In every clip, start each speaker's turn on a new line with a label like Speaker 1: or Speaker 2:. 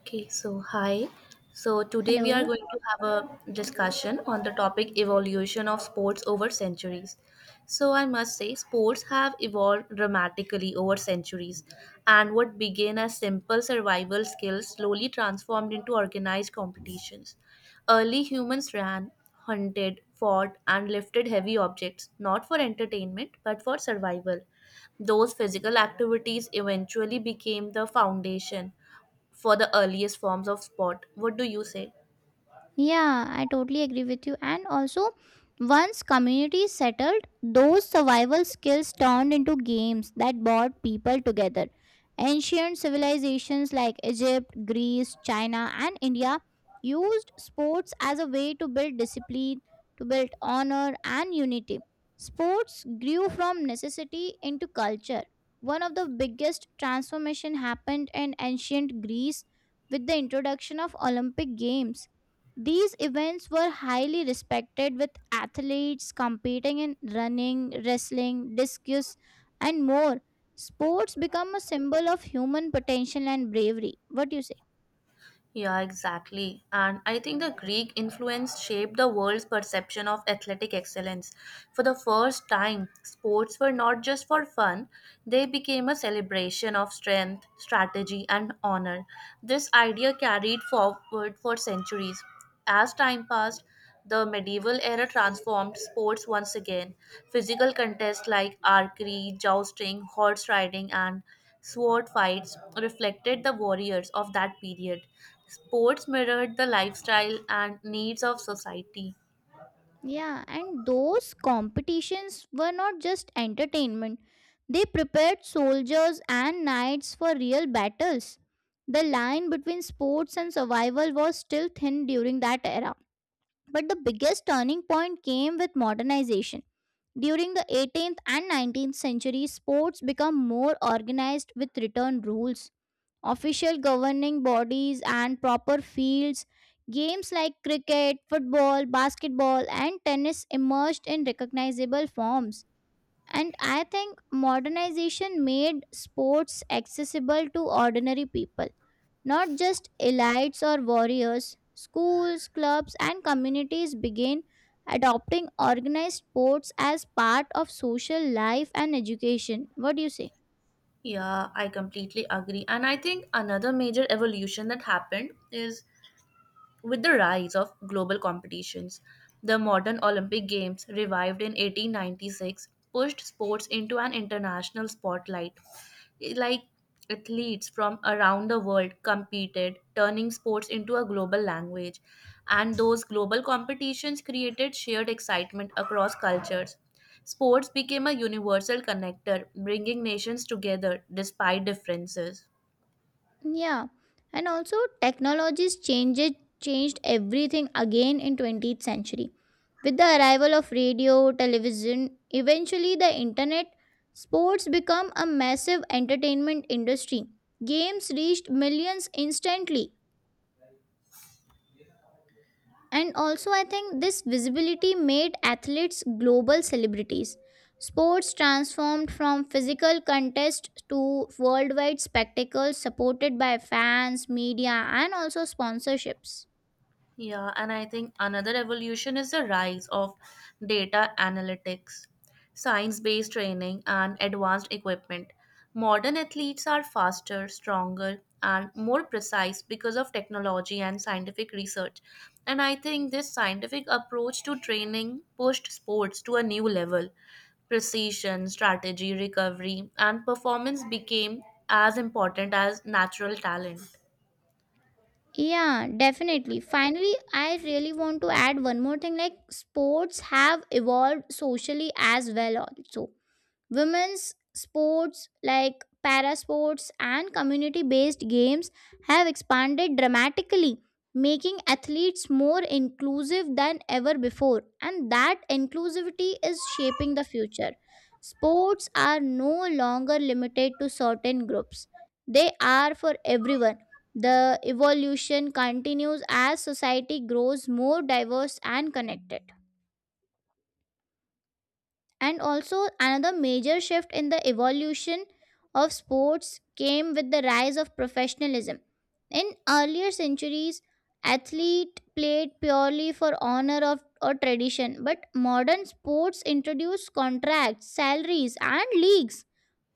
Speaker 1: Okay, so hi. So today we are
Speaker 2: hello
Speaker 1: going to have a discussion on the topic evolution of sports over centuries. So I must say sports have evolved dramatically over centuries, and what began as simple survival skills slowly transformed into organized competitions. Early humans ran, hunted, fought and lifted heavy objects not for entertainment but for survival. Those physical activities eventually became the foundation for the earliest forms of sport. What do you say?
Speaker 2: Yeah, I totally agree with you. And also, once communities settled, those survival skills turned into games that brought people together. Ancient civilizations like Egypt, Greece, China, and India used sports as a way to build discipline, to build honor, and unity. Sports grew from necessity into culture. One of the biggest transformation happened in ancient Greece with the introduction of Olympic Games. These events were highly respected, with athletes competing in running, wrestling, discus, and more. Sports become a symbol of human potential and bravery. What do you say?
Speaker 1: Yeah, exactly. And I think the Greek influence shaped the world's perception of athletic excellence. For the first time, sports were not just for fun, they became a celebration of strength, strategy, and honor. This idea carried forward for centuries. As time passed, the medieval era transformed sports once again. Physical contests like archery, jousting, horse riding, and sword fights reflected the warriors of that period. Sports mirrored the lifestyle and needs of society.
Speaker 2: Yeah, and those competitions were not just entertainment, they prepared soldiers and knights for real battles. The line between sports and survival was still thin during that era. But the biggest turning point came with modernization. During the 18th and 19th centuries, sports become more organized with written rules, official governing bodies, and proper fields. Games like cricket, football, basketball, and tennis emerged in recognizable forms. And I think modernization made sports accessible to ordinary people. Not just elites or warriors, schools, clubs, and communities began adopting organized sports as part of social life and education. What do you say?
Speaker 1: Yeah, I completely agree. And I think another major evolution that happened is, with the rise of global competitions, the modern Olympic Games, revived in 1896, pushed sports into an international spotlight. Like athletes from around the world competed, turning sports into a global language. And those global competitions created shared excitement across cultures. Sports became a universal connector, bringing nations together despite differences.
Speaker 2: Yeah. And also technologies changed everything again in 20th century. With the arrival of radio, television, eventually the internet, sports become a massive entertainment industry. Games reached millions instantly. And also, I think this visibility made athletes global celebrities. Sports transformed from physical contest to worldwide spectacles supported by fans, media, and also sponsorships.
Speaker 1: Yeah, and I think another evolution is the rise of data analytics, science based training, and advanced equipment. Modern athletes are faster, stronger, and more precise because of technology and scientific research. And I think this scientific approach to training pushed sports to a new level. Precision, strategy, recovery, and performance became as important as natural talent.
Speaker 2: Yeah, definitely. Finally, I really want to add one more thing, like sports have evolved socially as well also. Women's sports like para sports and community based games have expanded dramatically, making athletes more inclusive than ever before, and that inclusivity is shaping the future. Sports are no longer limited to certain groups, they are for everyone. The evolution continues as society grows more diverse and connected. And also, another major shift in the evolution of sports came with the rise of professionalism. In earlier centuries, athlete played purely for honor of or tradition, but modern sports introduced contracts, salaries, and leagues.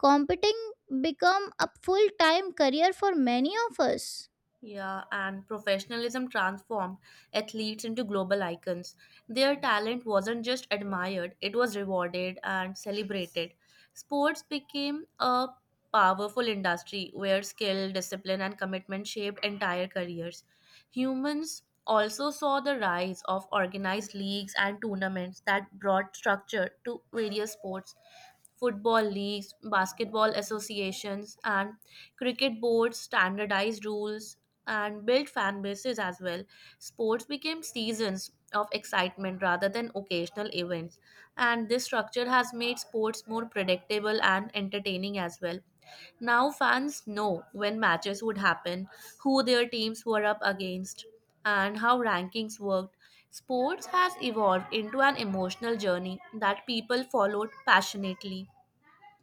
Speaker 2: Competing become a full-time career for many of us.
Speaker 1: Yeah, and professionalism transformed athletes into global icons. Their talent wasn't just admired, it was rewarded and celebrated. Sports became a powerful industry where skill, discipline, and commitment shaped entire careers. Humans also saw the rise of organized leagues and tournaments that brought structure to various sports. Football leagues, basketball associations, and cricket boards standardized rules and built fan bases as well. Sports became seasons of excitement rather than occasional events, and this structure has made sports more predictable and entertaining as well. Now fans know when matches would happen, who their teams were up against, and how rankings worked. Sports has evolved into an emotional journey that people followed passionately.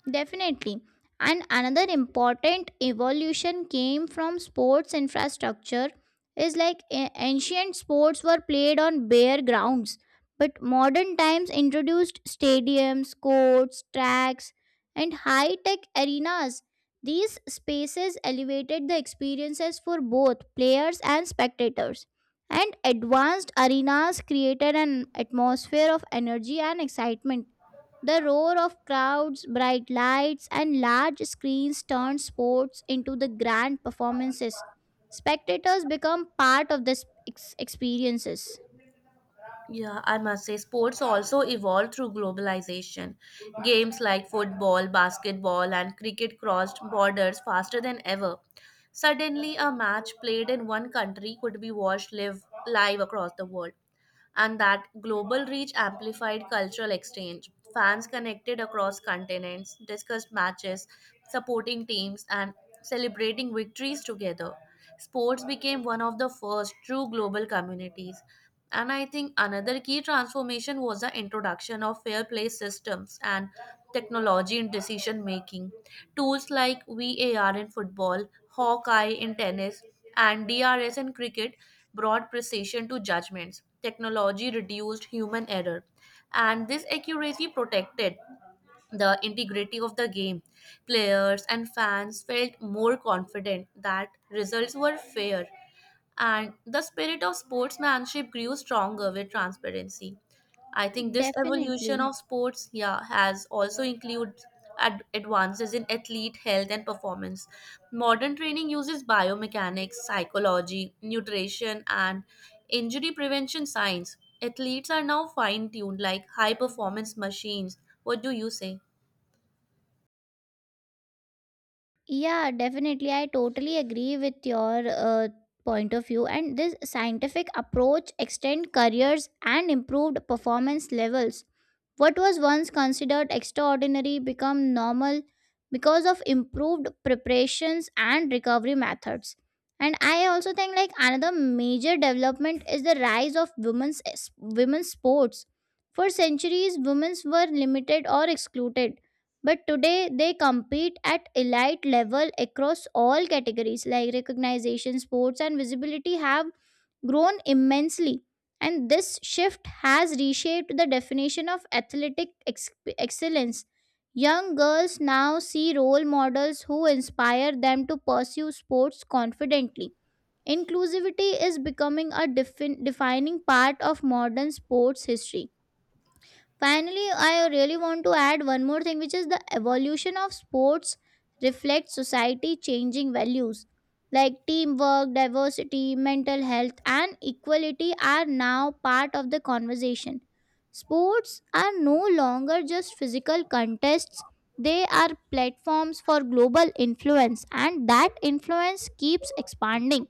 Speaker 2: Definitely. And another important evolution came from sports infrastructure is like ancient sports were played on bare grounds, but modern times introduced stadiums, courts, tracks, and high tech arenas. These spaces elevated the experiences for both players and spectators. And advanced arenas created an atmosphere of energy and excitement. The roar of crowds, bright lights, and large screens turn sports into the grand performances. Spectators become part of this experiences.
Speaker 1: Yeah, I must say, sports also evolved through globalization. Games like football, basketball, and cricket crossed borders faster than ever. Suddenly, a match played in one country could be watched live across the world, and that global reach amplified cultural exchange. Fans connected across continents, discussed matches, supporting teams, and celebrating victories together. Sports became one of the first true global communities. And I think another key transformation was the introduction of fair play systems and technology in decision making. Tools like VAR in football, Hawkeye in tennis, and DRS and cricket brought precision to judgments. Technology reduced human error, and this accuracy protected the integrity of the game. Players and fans felt more confident that results were fair, and the spirit of sportsmanship grew stronger with transparency. I think this evolution
Speaker 2: Definitely.
Speaker 1: of sports, yeah, has also included advances in athlete health and performance. Modern training uses biomechanics, psychology, nutrition, and injury prevention science. Athletes are now fine tuned like high performance machines. What do you say?
Speaker 2: Yeah, definitely. I totally agree with your point of view. And this scientific approach extend careers and improved performance levels. What was once considered extraordinary become normal because of improved preparations and recovery methods. And I also think, like, another major development is the rise of women's sports. For centuries, women were limited or excluded, but today they compete at elite level across all categories. Like recognition, sports, and visibility have grown immensely, and this shift has reshaped the definition of athletic excellence. Young girls now see role models who inspire them to pursue sports confidently. Inclusivity is becoming a defining part of modern sports history. Finally, I really want to add one more thing, which is the evolution of sports reflects society changing values, like teamwork, diversity, mental health, and equality are now part of the conversation. Sports are no longer just physical contests, they are platforms for global influence, and that influence keeps expanding.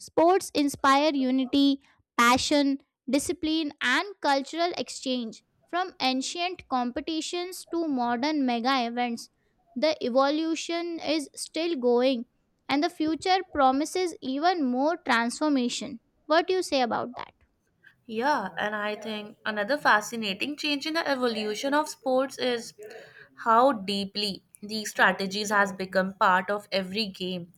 Speaker 2: Sports inspire unity, passion, discipline, and cultural exchange. From ancient competitions to modern mega events, the evolution is still going and the future promises even more transformation. What do you say about that?
Speaker 1: Yeah, and I think another fascinating change in the evolution of sports is how deeply these strategies has become part of every game.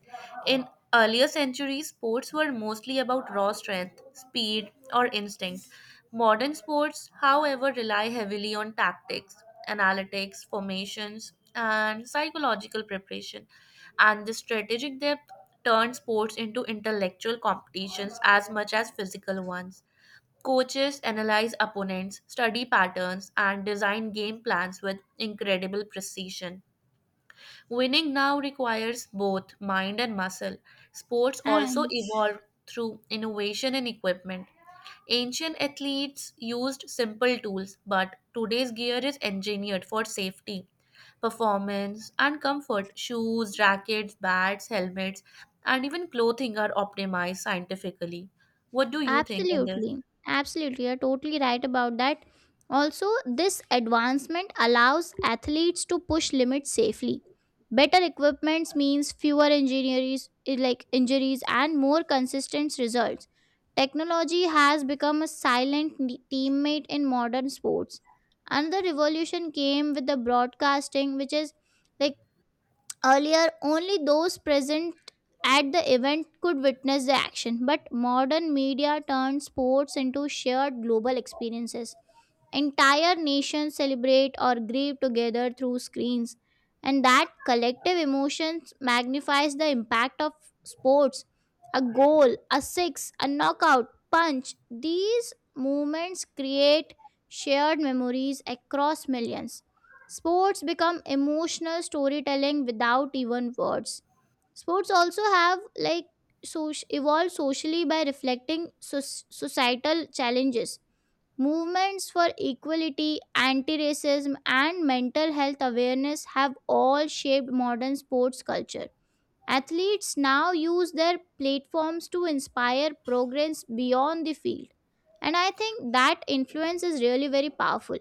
Speaker 1: In earlier centuries, sports were mostly about raw strength, speed, or instinct. Modern sports, however, rely heavily on tactics, analytics, formations, and psychological preparation. And the strategic depth turns sports into intellectual competitions as much as physical ones. Coaches analyze opponents, study patterns, and design game plans with incredible precision. Winning now requires both mind and muscle. Sports also
Speaker 2: And
Speaker 1: evolved through innovation in equipment. Ancient athletes used simple tools, but today's gear is engineered for safety, performance, and comfort. Shoes, rackets, bats, helmets, and even clothing are optimized scientifically. What do you think on this?
Speaker 2: Absolutely. Absolutely. You're totally right about that. Also, this advancement allows athletes to push limits safely. Better equipments means fewer injuries eh, like injuries and more consistent results. Technology has become a silent teammate in modern sports. Another revolution came with the broadcasting, which is like, earlier, only those present at the event could witness the action, but modern media turned sports into shared global experiences. Entire nations celebrate or grieve together through screens, and that collective emotions magnifies the impact of sports. A goal, a six, a knockout, punch, these moments create shared memories across millions. Sports become emotional storytelling without even words. Sports also have, like, evolved socially by reflecting societal challenges. Movements for equality, anti racism, and mental health awareness have all shaped modern sports culture. Athletes now use their platforms to inspire progress beyond the field. And I think that influence is really very powerful.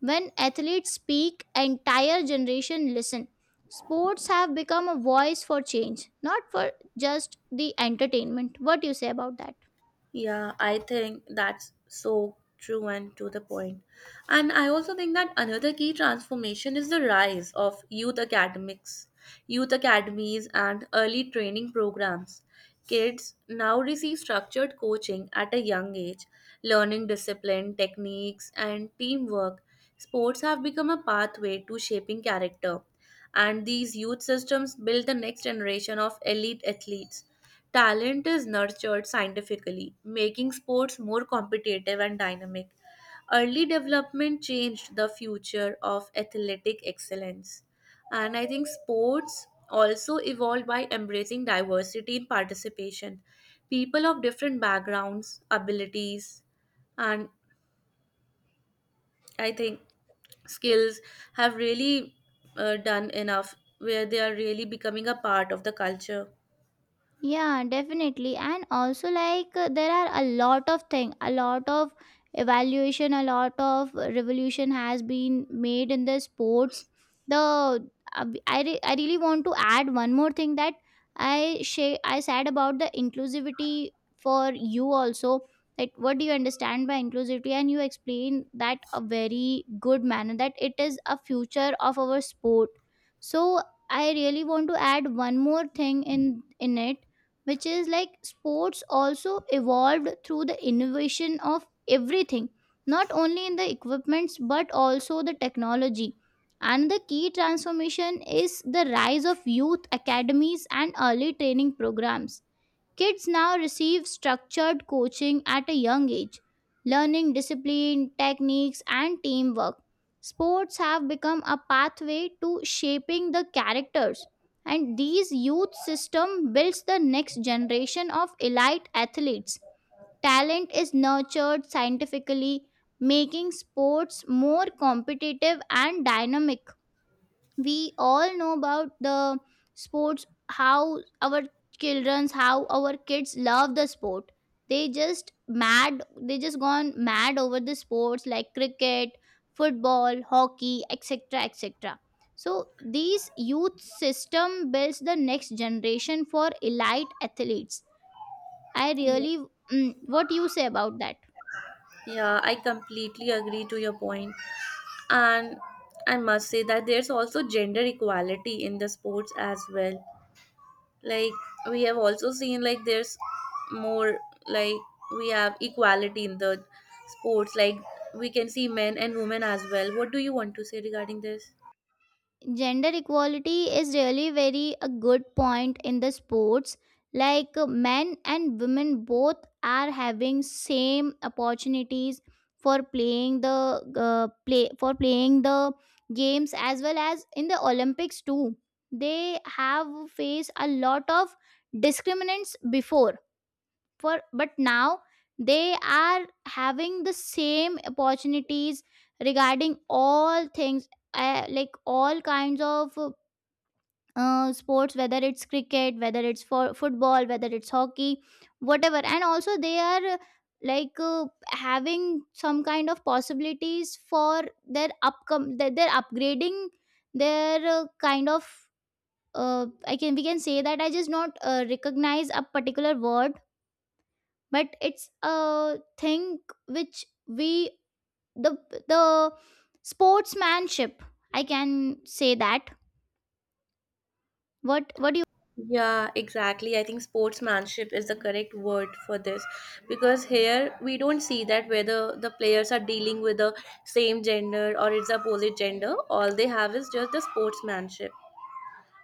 Speaker 2: When athletes speak, entire generation listen. Sports have become a voice for change, not for just the entertainment. What do you say about that?
Speaker 1: Yeah, I think that's so true and to the point. And I also think that another key transformation is the rise of youth academies, and early training programs. Kids now receive structured coaching at a young age, learning discipline, techniques, and teamwork. Sports have become a pathway to shaping character, and these youth systems build the next generation of elite athletes. Talent is nurtured scientifically, making sports more competitive and dynamic. Early development changed the future of athletic excellence. And I think sports also evolved by embracing diversity in participation. People of different backgrounds, abilities, and I think skills have really done enough where they are really becoming a part of the culture.
Speaker 2: Yeah, definitely. And also, like, there are a lot of thing, a lot of evaluation, a lot of revolution has been made in the sports. The I really want to add one more thing, that I said about the inclusivity for you also. Like, what do you understand by inclusivity? And you explain that a very good manner that it is a future of our sport. So I really want to add one more thing in it, which is like sports also evolved through the innovation of everything, not only in the equipments but also the technology, and the key transformation is the rise of youth academies and early training programs. Kids now receive structured coaching at a young age, learning discipline, techniques, and teamwork. Sports have become a pathway to shaping the characters, and these youth system builds the next generation of elite athletes. Talent is nurtured scientifically, making sports more competitive and dynamic. We all know about the sports, how our children's, how our kids love the sport. They just gone mad over the sports, like cricket, football, hockey, etc, etc. So these youth system builds the next generation for elite athletes. i
Speaker 1: Yeah.
Speaker 2: really what do you say about that?
Speaker 1: Yeah, I completely agree to your point. And I must say that there's also gender equality in the sports as well. Like, we have also seen like there's more, like, we have equality in the sports. Like, we can see men and women as well. What do you want to say regarding this?
Speaker 2: Gender equality is really very a good point in the sports. Like, men and women both are having same opportunities for playing the games, as well as in the Olympics too. They have faced a lot of discriminants before for but now they are having the same opportunities regarding all things, like all kinds of sports, whether it's cricket, whether it's for football, whether it's hockey, whatever. And also, they are, like, having some kind of possibilities for their their upgrading, their kind of, I can, we can say that I just not recognize a particular word, but it's a thing which we, the the sportsmanship, I can say that. What?
Speaker 1: Yeah, exactly. I think sportsmanship is the correct word for this, because here we don't see that whether the players are dealing with the same gender or it's opposite gender. All they have is just the sportsmanship.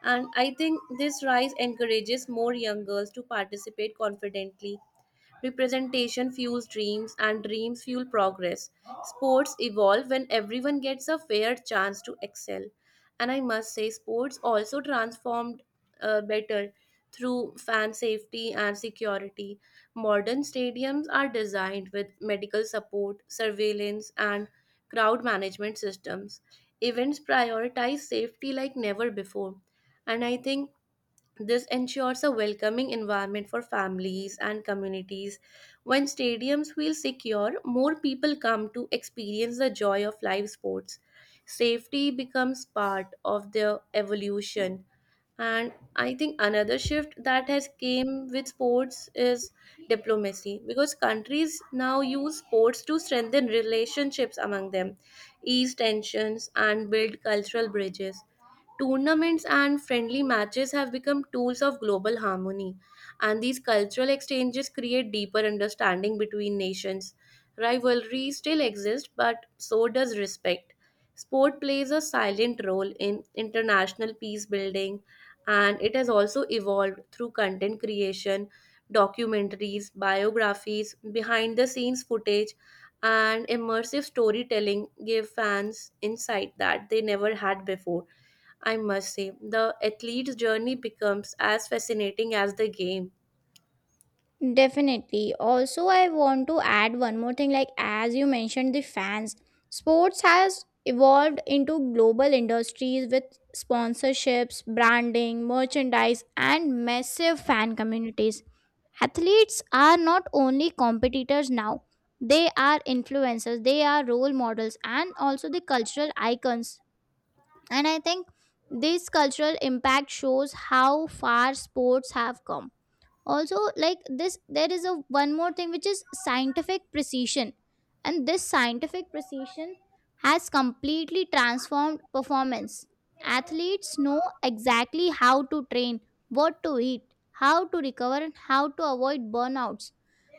Speaker 1: And I think this rise encourages more young girls to participate confidently. Representation fuels dreams, and dreams fuel progress. Sports evolve when everyone gets a fair chance to excel. And I must say, sports also transformed better through fan safety and security. Modern stadiums are designed with medical support, surveillance, and crowd management systems. Events prioritize safety like never before. And I think this ensures a welcoming environment for families and communities. When stadiums feel secure, more people come to experience the joy of live sports. Safety becomes part of their evolution. And I think another shift that has came with sports is diplomacy, because countries now use sports to strengthen relationships among them, ease tensions and build cultural bridges. Tournaments and friendly matches have become tools of global harmony, and these cultural exchanges create deeper understanding between nations. Rivalry still exists, but so does respect. Sport plays a silent role in international peace building. And it has also evolved through content creation, documentaries, biographies, behind the scenes footage, and immersive storytelling gave fans insight that they never had before. I must say, the athlete's journey becomes as fascinating as the game.
Speaker 2: Definitely. Also, I want to add one more thing, like as you mentioned the fans, sports has evolved into global industries with sponsorships, branding, merchandise, and massive fan communities. Athletes are not only competitors now. They are influencers, they are role models, and also the cultural icons. And I think this cultural impact shows how far sports have come. Also, like this, there is a one more thing which is scientific precision, and this scientific precision has completely transformed performance. Athletes know exactly how to train, what to eat, how to recover, and how to avoid burnouts.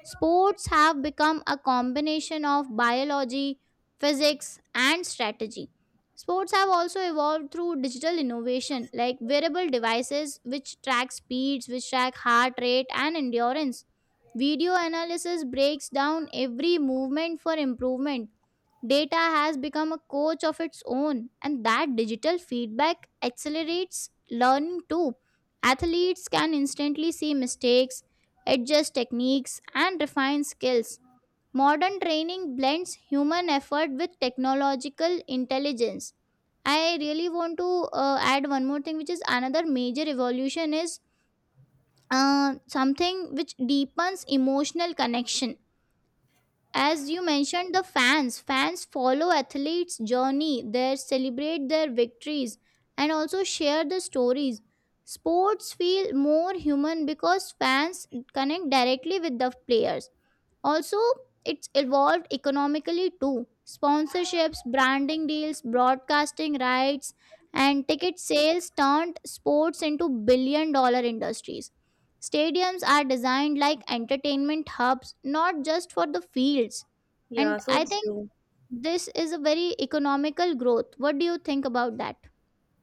Speaker 2: Sports have become a combination of biology, physics, and strategy. Sports have also evolved through digital innovation, like wearable devices which track speeds, which track heart rate and endurance. Video analysis breaks down every movement for improvement. Data has become a coach of its own, and that digital feedback accelerates learning too. Athletes can instantly see mistakes, adjust techniques, and refine skills. Modern training blends human effort with technological intelligence. I really want to add one more thing, which is another major evolution is something which deepens emotional connection. As you mentioned, the fans follow athletes' journey, they celebrate their victories, and also share the stories. Sports feel more human because fans connect directly with the players. Also, it's evolved economically too. Sponsorships, branding deals, broadcasting rights, and ticket sales turned sports into billion-dollar industries. Stadiums are designed like entertainment hubs, not just for the fields.
Speaker 1: Yeah,
Speaker 2: And
Speaker 1: so
Speaker 2: I
Speaker 1: it's
Speaker 2: think
Speaker 1: true.
Speaker 2: this is a very economical growth. What do you think about that?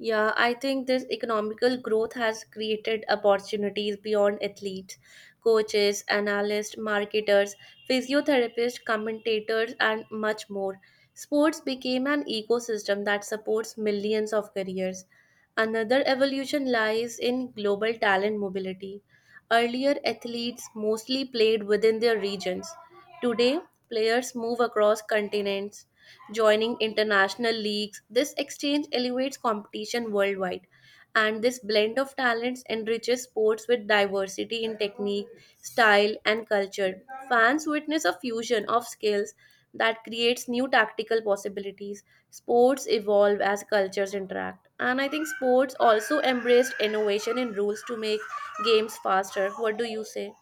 Speaker 1: Yeah, I think this economical growth has created opportunities beyond athletes, coaches, analysts, marketers, physiotherapists, commentators, and much more. Sports became an ecosystem that supports millions of careers. Another evolution lies in global talent mobility. Earlier, athletes mostly played within their regions. Today, players move across continents, joining international leagues. This exchange elevates competition worldwide, and this blend of talents enriches sports with diversity in technique, style, and culture. Fans witness a fusion of skills that creates new tactical possibilities. Sports evolve as cultures interact. And I think sports also embraced innovation in rules to make games faster. What do you say?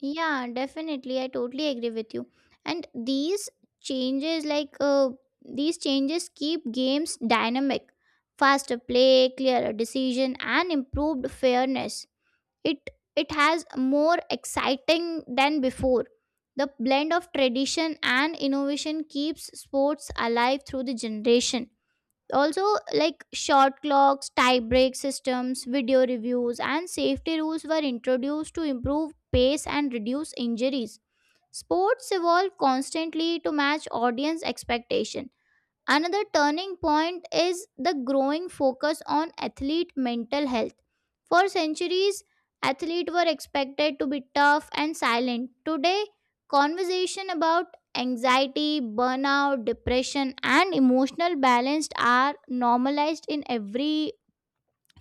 Speaker 2: Yeah, definitely. I totally agree with you. And changes, like uh, these changes, keep games dynamic, faster play, clearer decision, and improved fairness. It it has more exciting than before. The blend of tradition and innovation keeps sports alive through the generation also. Like short clocks, tie break systems, video reviews, and safety rules were introduced to improve pace and reduce injuries. Sports evolve constantly to match audience expectation. Another turning point is the growing focus on athlete mental health. For centuries, athletes were expected to be tough and silent. Today, conversation about anxiety, burnout, depression, and emotional balance are normalized in every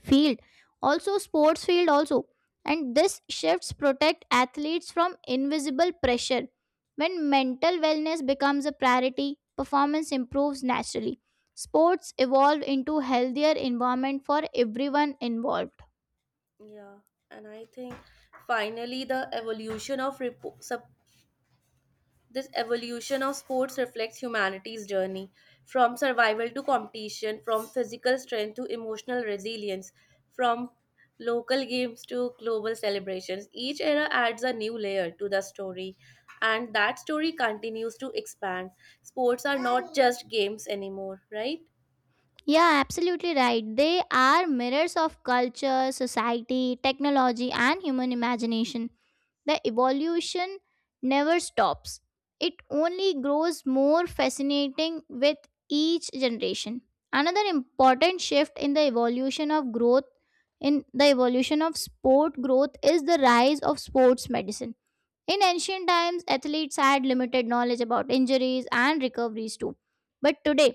Speaker 2: field, also sports field also. And this shifts protect athletes from invisible pressure. When mental wellness becomes a priority, performance improves naturally. Sports evolve into healthier environment for everyone involved.
Speaker 1: Yeah, and I think finally the evolution of this evolution of sports reflects humanity's journey from survival to competition, from physical strength to emotional resilience, from local games to global celebrations. Each era adds a new layer to the story, and that story continues to expand. Sports are not just games anymore, right?
Speaker 2: Yeah, absolutely right. They are mirrors of culture, society, technology, and human imagination. The evolution never stops, it only grows more fascinating with each generation. Another important shift in the evolution of growth, in the evolution of sport growth, is the rise of sports medicine. In ancient times, athletes had limited knowledge about injuries and recoveries too. But today,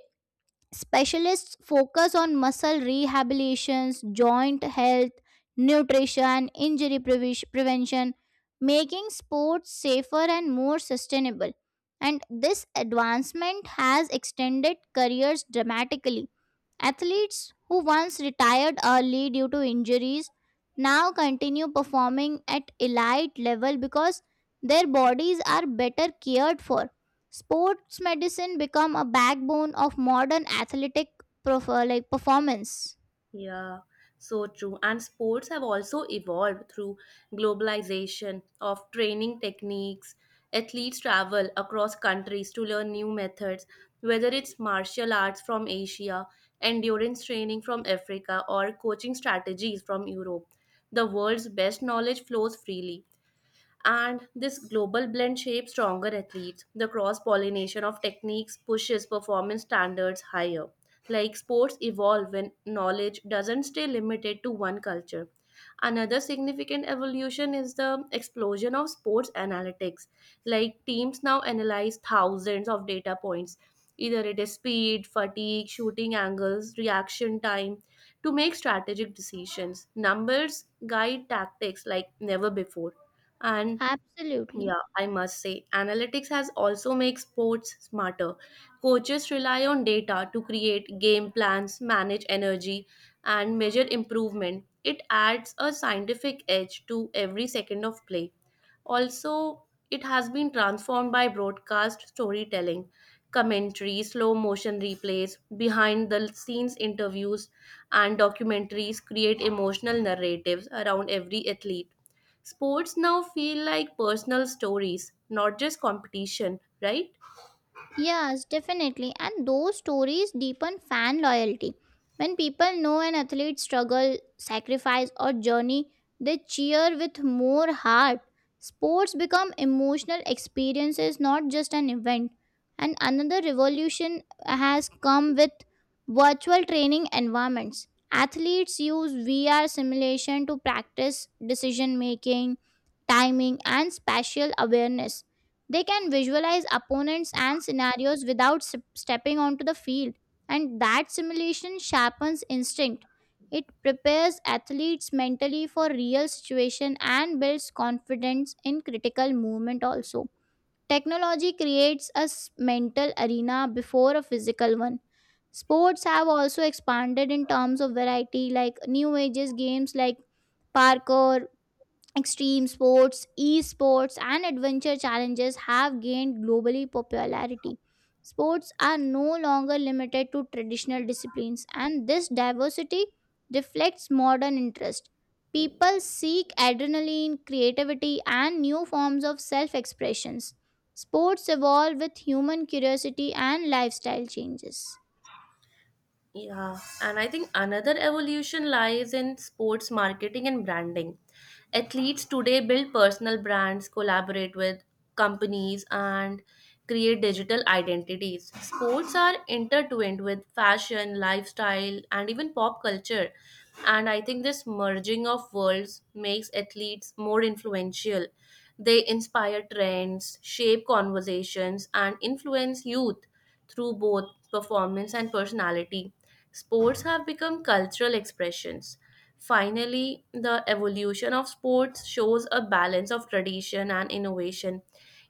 Speaker 2: specialists focus on muscle rehabilitations, joint health, nutrition, injury prevention, making sports safer and more sustainable. And this advancement has extended careers dramatically. Athletes who once retired early due to injuries now continue performing at elite level because their bodies are better cared for. Sports medicine become a backbone of modern athletic performance.
Speaker 1: Yeah, so true. And sports have also evolved through globalization of training techniques. Athletes travel across countries to learn new methods, whether it's martial arts from Asia, endurance training from Africa, or coaching strategies from Europe. The world's best knowledge flows freely. And this global blend shapes stronger athletes. The cross pollination of techniques pushes performance standards higher. Like sports evolve when knowledge doesn't stay limited to one culture. Another significant evolution is the explosion of sports analytics. Like, teams now analyze thousands of data points, either it is speed, fatigue, shooting angles, reaction time, to make strategic decisions. Numbers guide tactics like never before. And
Speaker 2: Absolutely.
Speaker 1: yeah, I must say, analytics has also made sports smarter. Coaches rely on data to create game plans, manage energy, and measure improvement. It adds a scientific edge to every second of play. Also, it has been transformed by broadcast storytelling, commentary, slow motion replays, behind the scenes interviews, and documentaries create emotional narratives around every athlete. Sports now feel like personal stories, not just competition, right?
Speaker 2: Yes, definitely. And those stories deepen fan loyalty. When people know an athlete's struggle, sacrifice, or journey, they cheer with more heart. Sports become emotional experiences, not just an event. And another revolution has come with virtual training environments. Athletes use VR simulation to practice decision making, timing, and spatial awareness. They can visualize opponents and scenarios without stepping onto the field, and that simulation sharpens instinct. It prepares athletes mentally for real situation and builds confidence in critical movement also. Technology creates a mental arena before a physical one. Sports have also expanded in terms of variety, like new ages games like parkour. Extreme sports, esports, and adventure challenges have gained globally popularity. Sports are no longer limited to traditional disciplines, and this diversity reflects modern interest. People seek adrenaline, creativity, and new forms of self expressions. Sports evolve with human curiosity and lifestyle changes.
Speaker 1: Yeah, and I think another evolution lies in sports marketing and branding. Athletes today build personal brands, collaborate with companies, and create digital identities. Sports are intertwined with fashion, lifestyle, and even pop culture. And I think this merging of worlds makes athletes more influential. They inspire trends, shape conversations, and influence youth through both performance and personality. Sports have become cultural expressions. Finally, the evolution of sports shows a balance of tradition and innovation.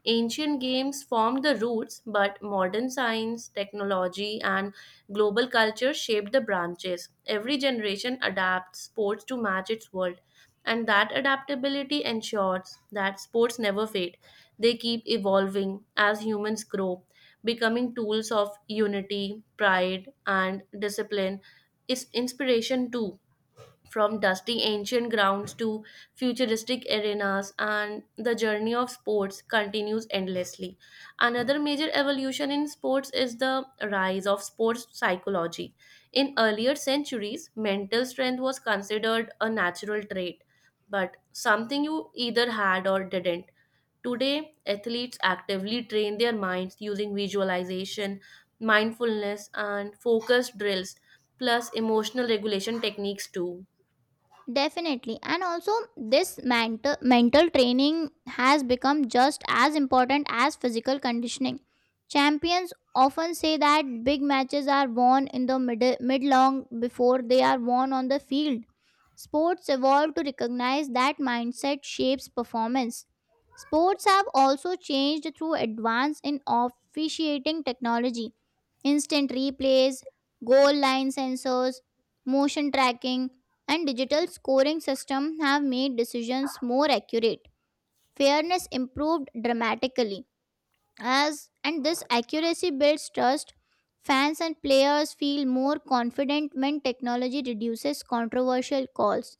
Speaker 1: Ancient games formed the roots, but modern science, technology, and global culture shaped the branches. Every generation adapts sports to match its world. And that adaptability ensures that sports never fade. They keep evolving as humans grow, becoming tools of unity, pride, and discipline. Is inspiration too, from dusty ancient grounds to futuristic arenas, and the journey of sports continues endlessly. Another major evolution in sports is the rise of sports psychology. In earlier centuries, mental strength was considered a natural trait, but something you either had or didn't. Today, athletes actively train their minds using visualization, mindfulness, and focused drills, plus emotional regulation techniques too.
Speaker 2: Definitely. And also, this mental training has become just as important as physical conditioning. Champions often say that big matches are won in the mid long before they are won on the field. Sports evolved to recognize that mindset shapes performance. Sports have also changed through advance in officiating technology. Instant replays, goal line sensors, motion tracking, and digital scoring system have made decisions more accurate. Fairness improved dramatically, as and this accuracy builds trust. Fans and players feel more confident when technology reduces controversial calls.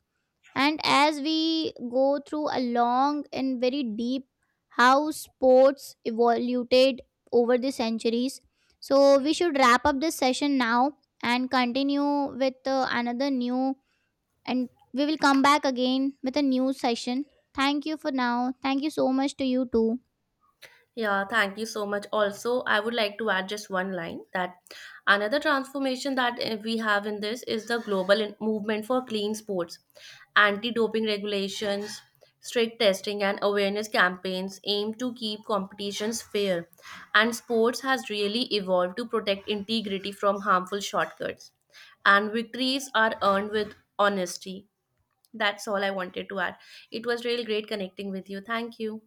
Speaker 2: And as we go through a long and very deep how sports evolved over the centuries, so we should wrap up this session now and continue with another new, and we will come back again with a new session. Thank you for now. Thank you so much to you too.
Speaker 1: Yeah, thank you so much. Also, I would like to add just one line that another transformation that we have in this is the global movement for clean sports, anti doping regulations, strict testing, and awareness campaigns aim to keep competitions fair. And sports has really evolved to protect integrity from harmful shortcuts. And victories are earned with honesty. That's all I wanted to add. It was really great connecting with you. Thank you.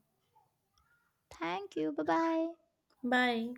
Speaker 2: Thank you. Bye bye.
Speaker 1: Bye.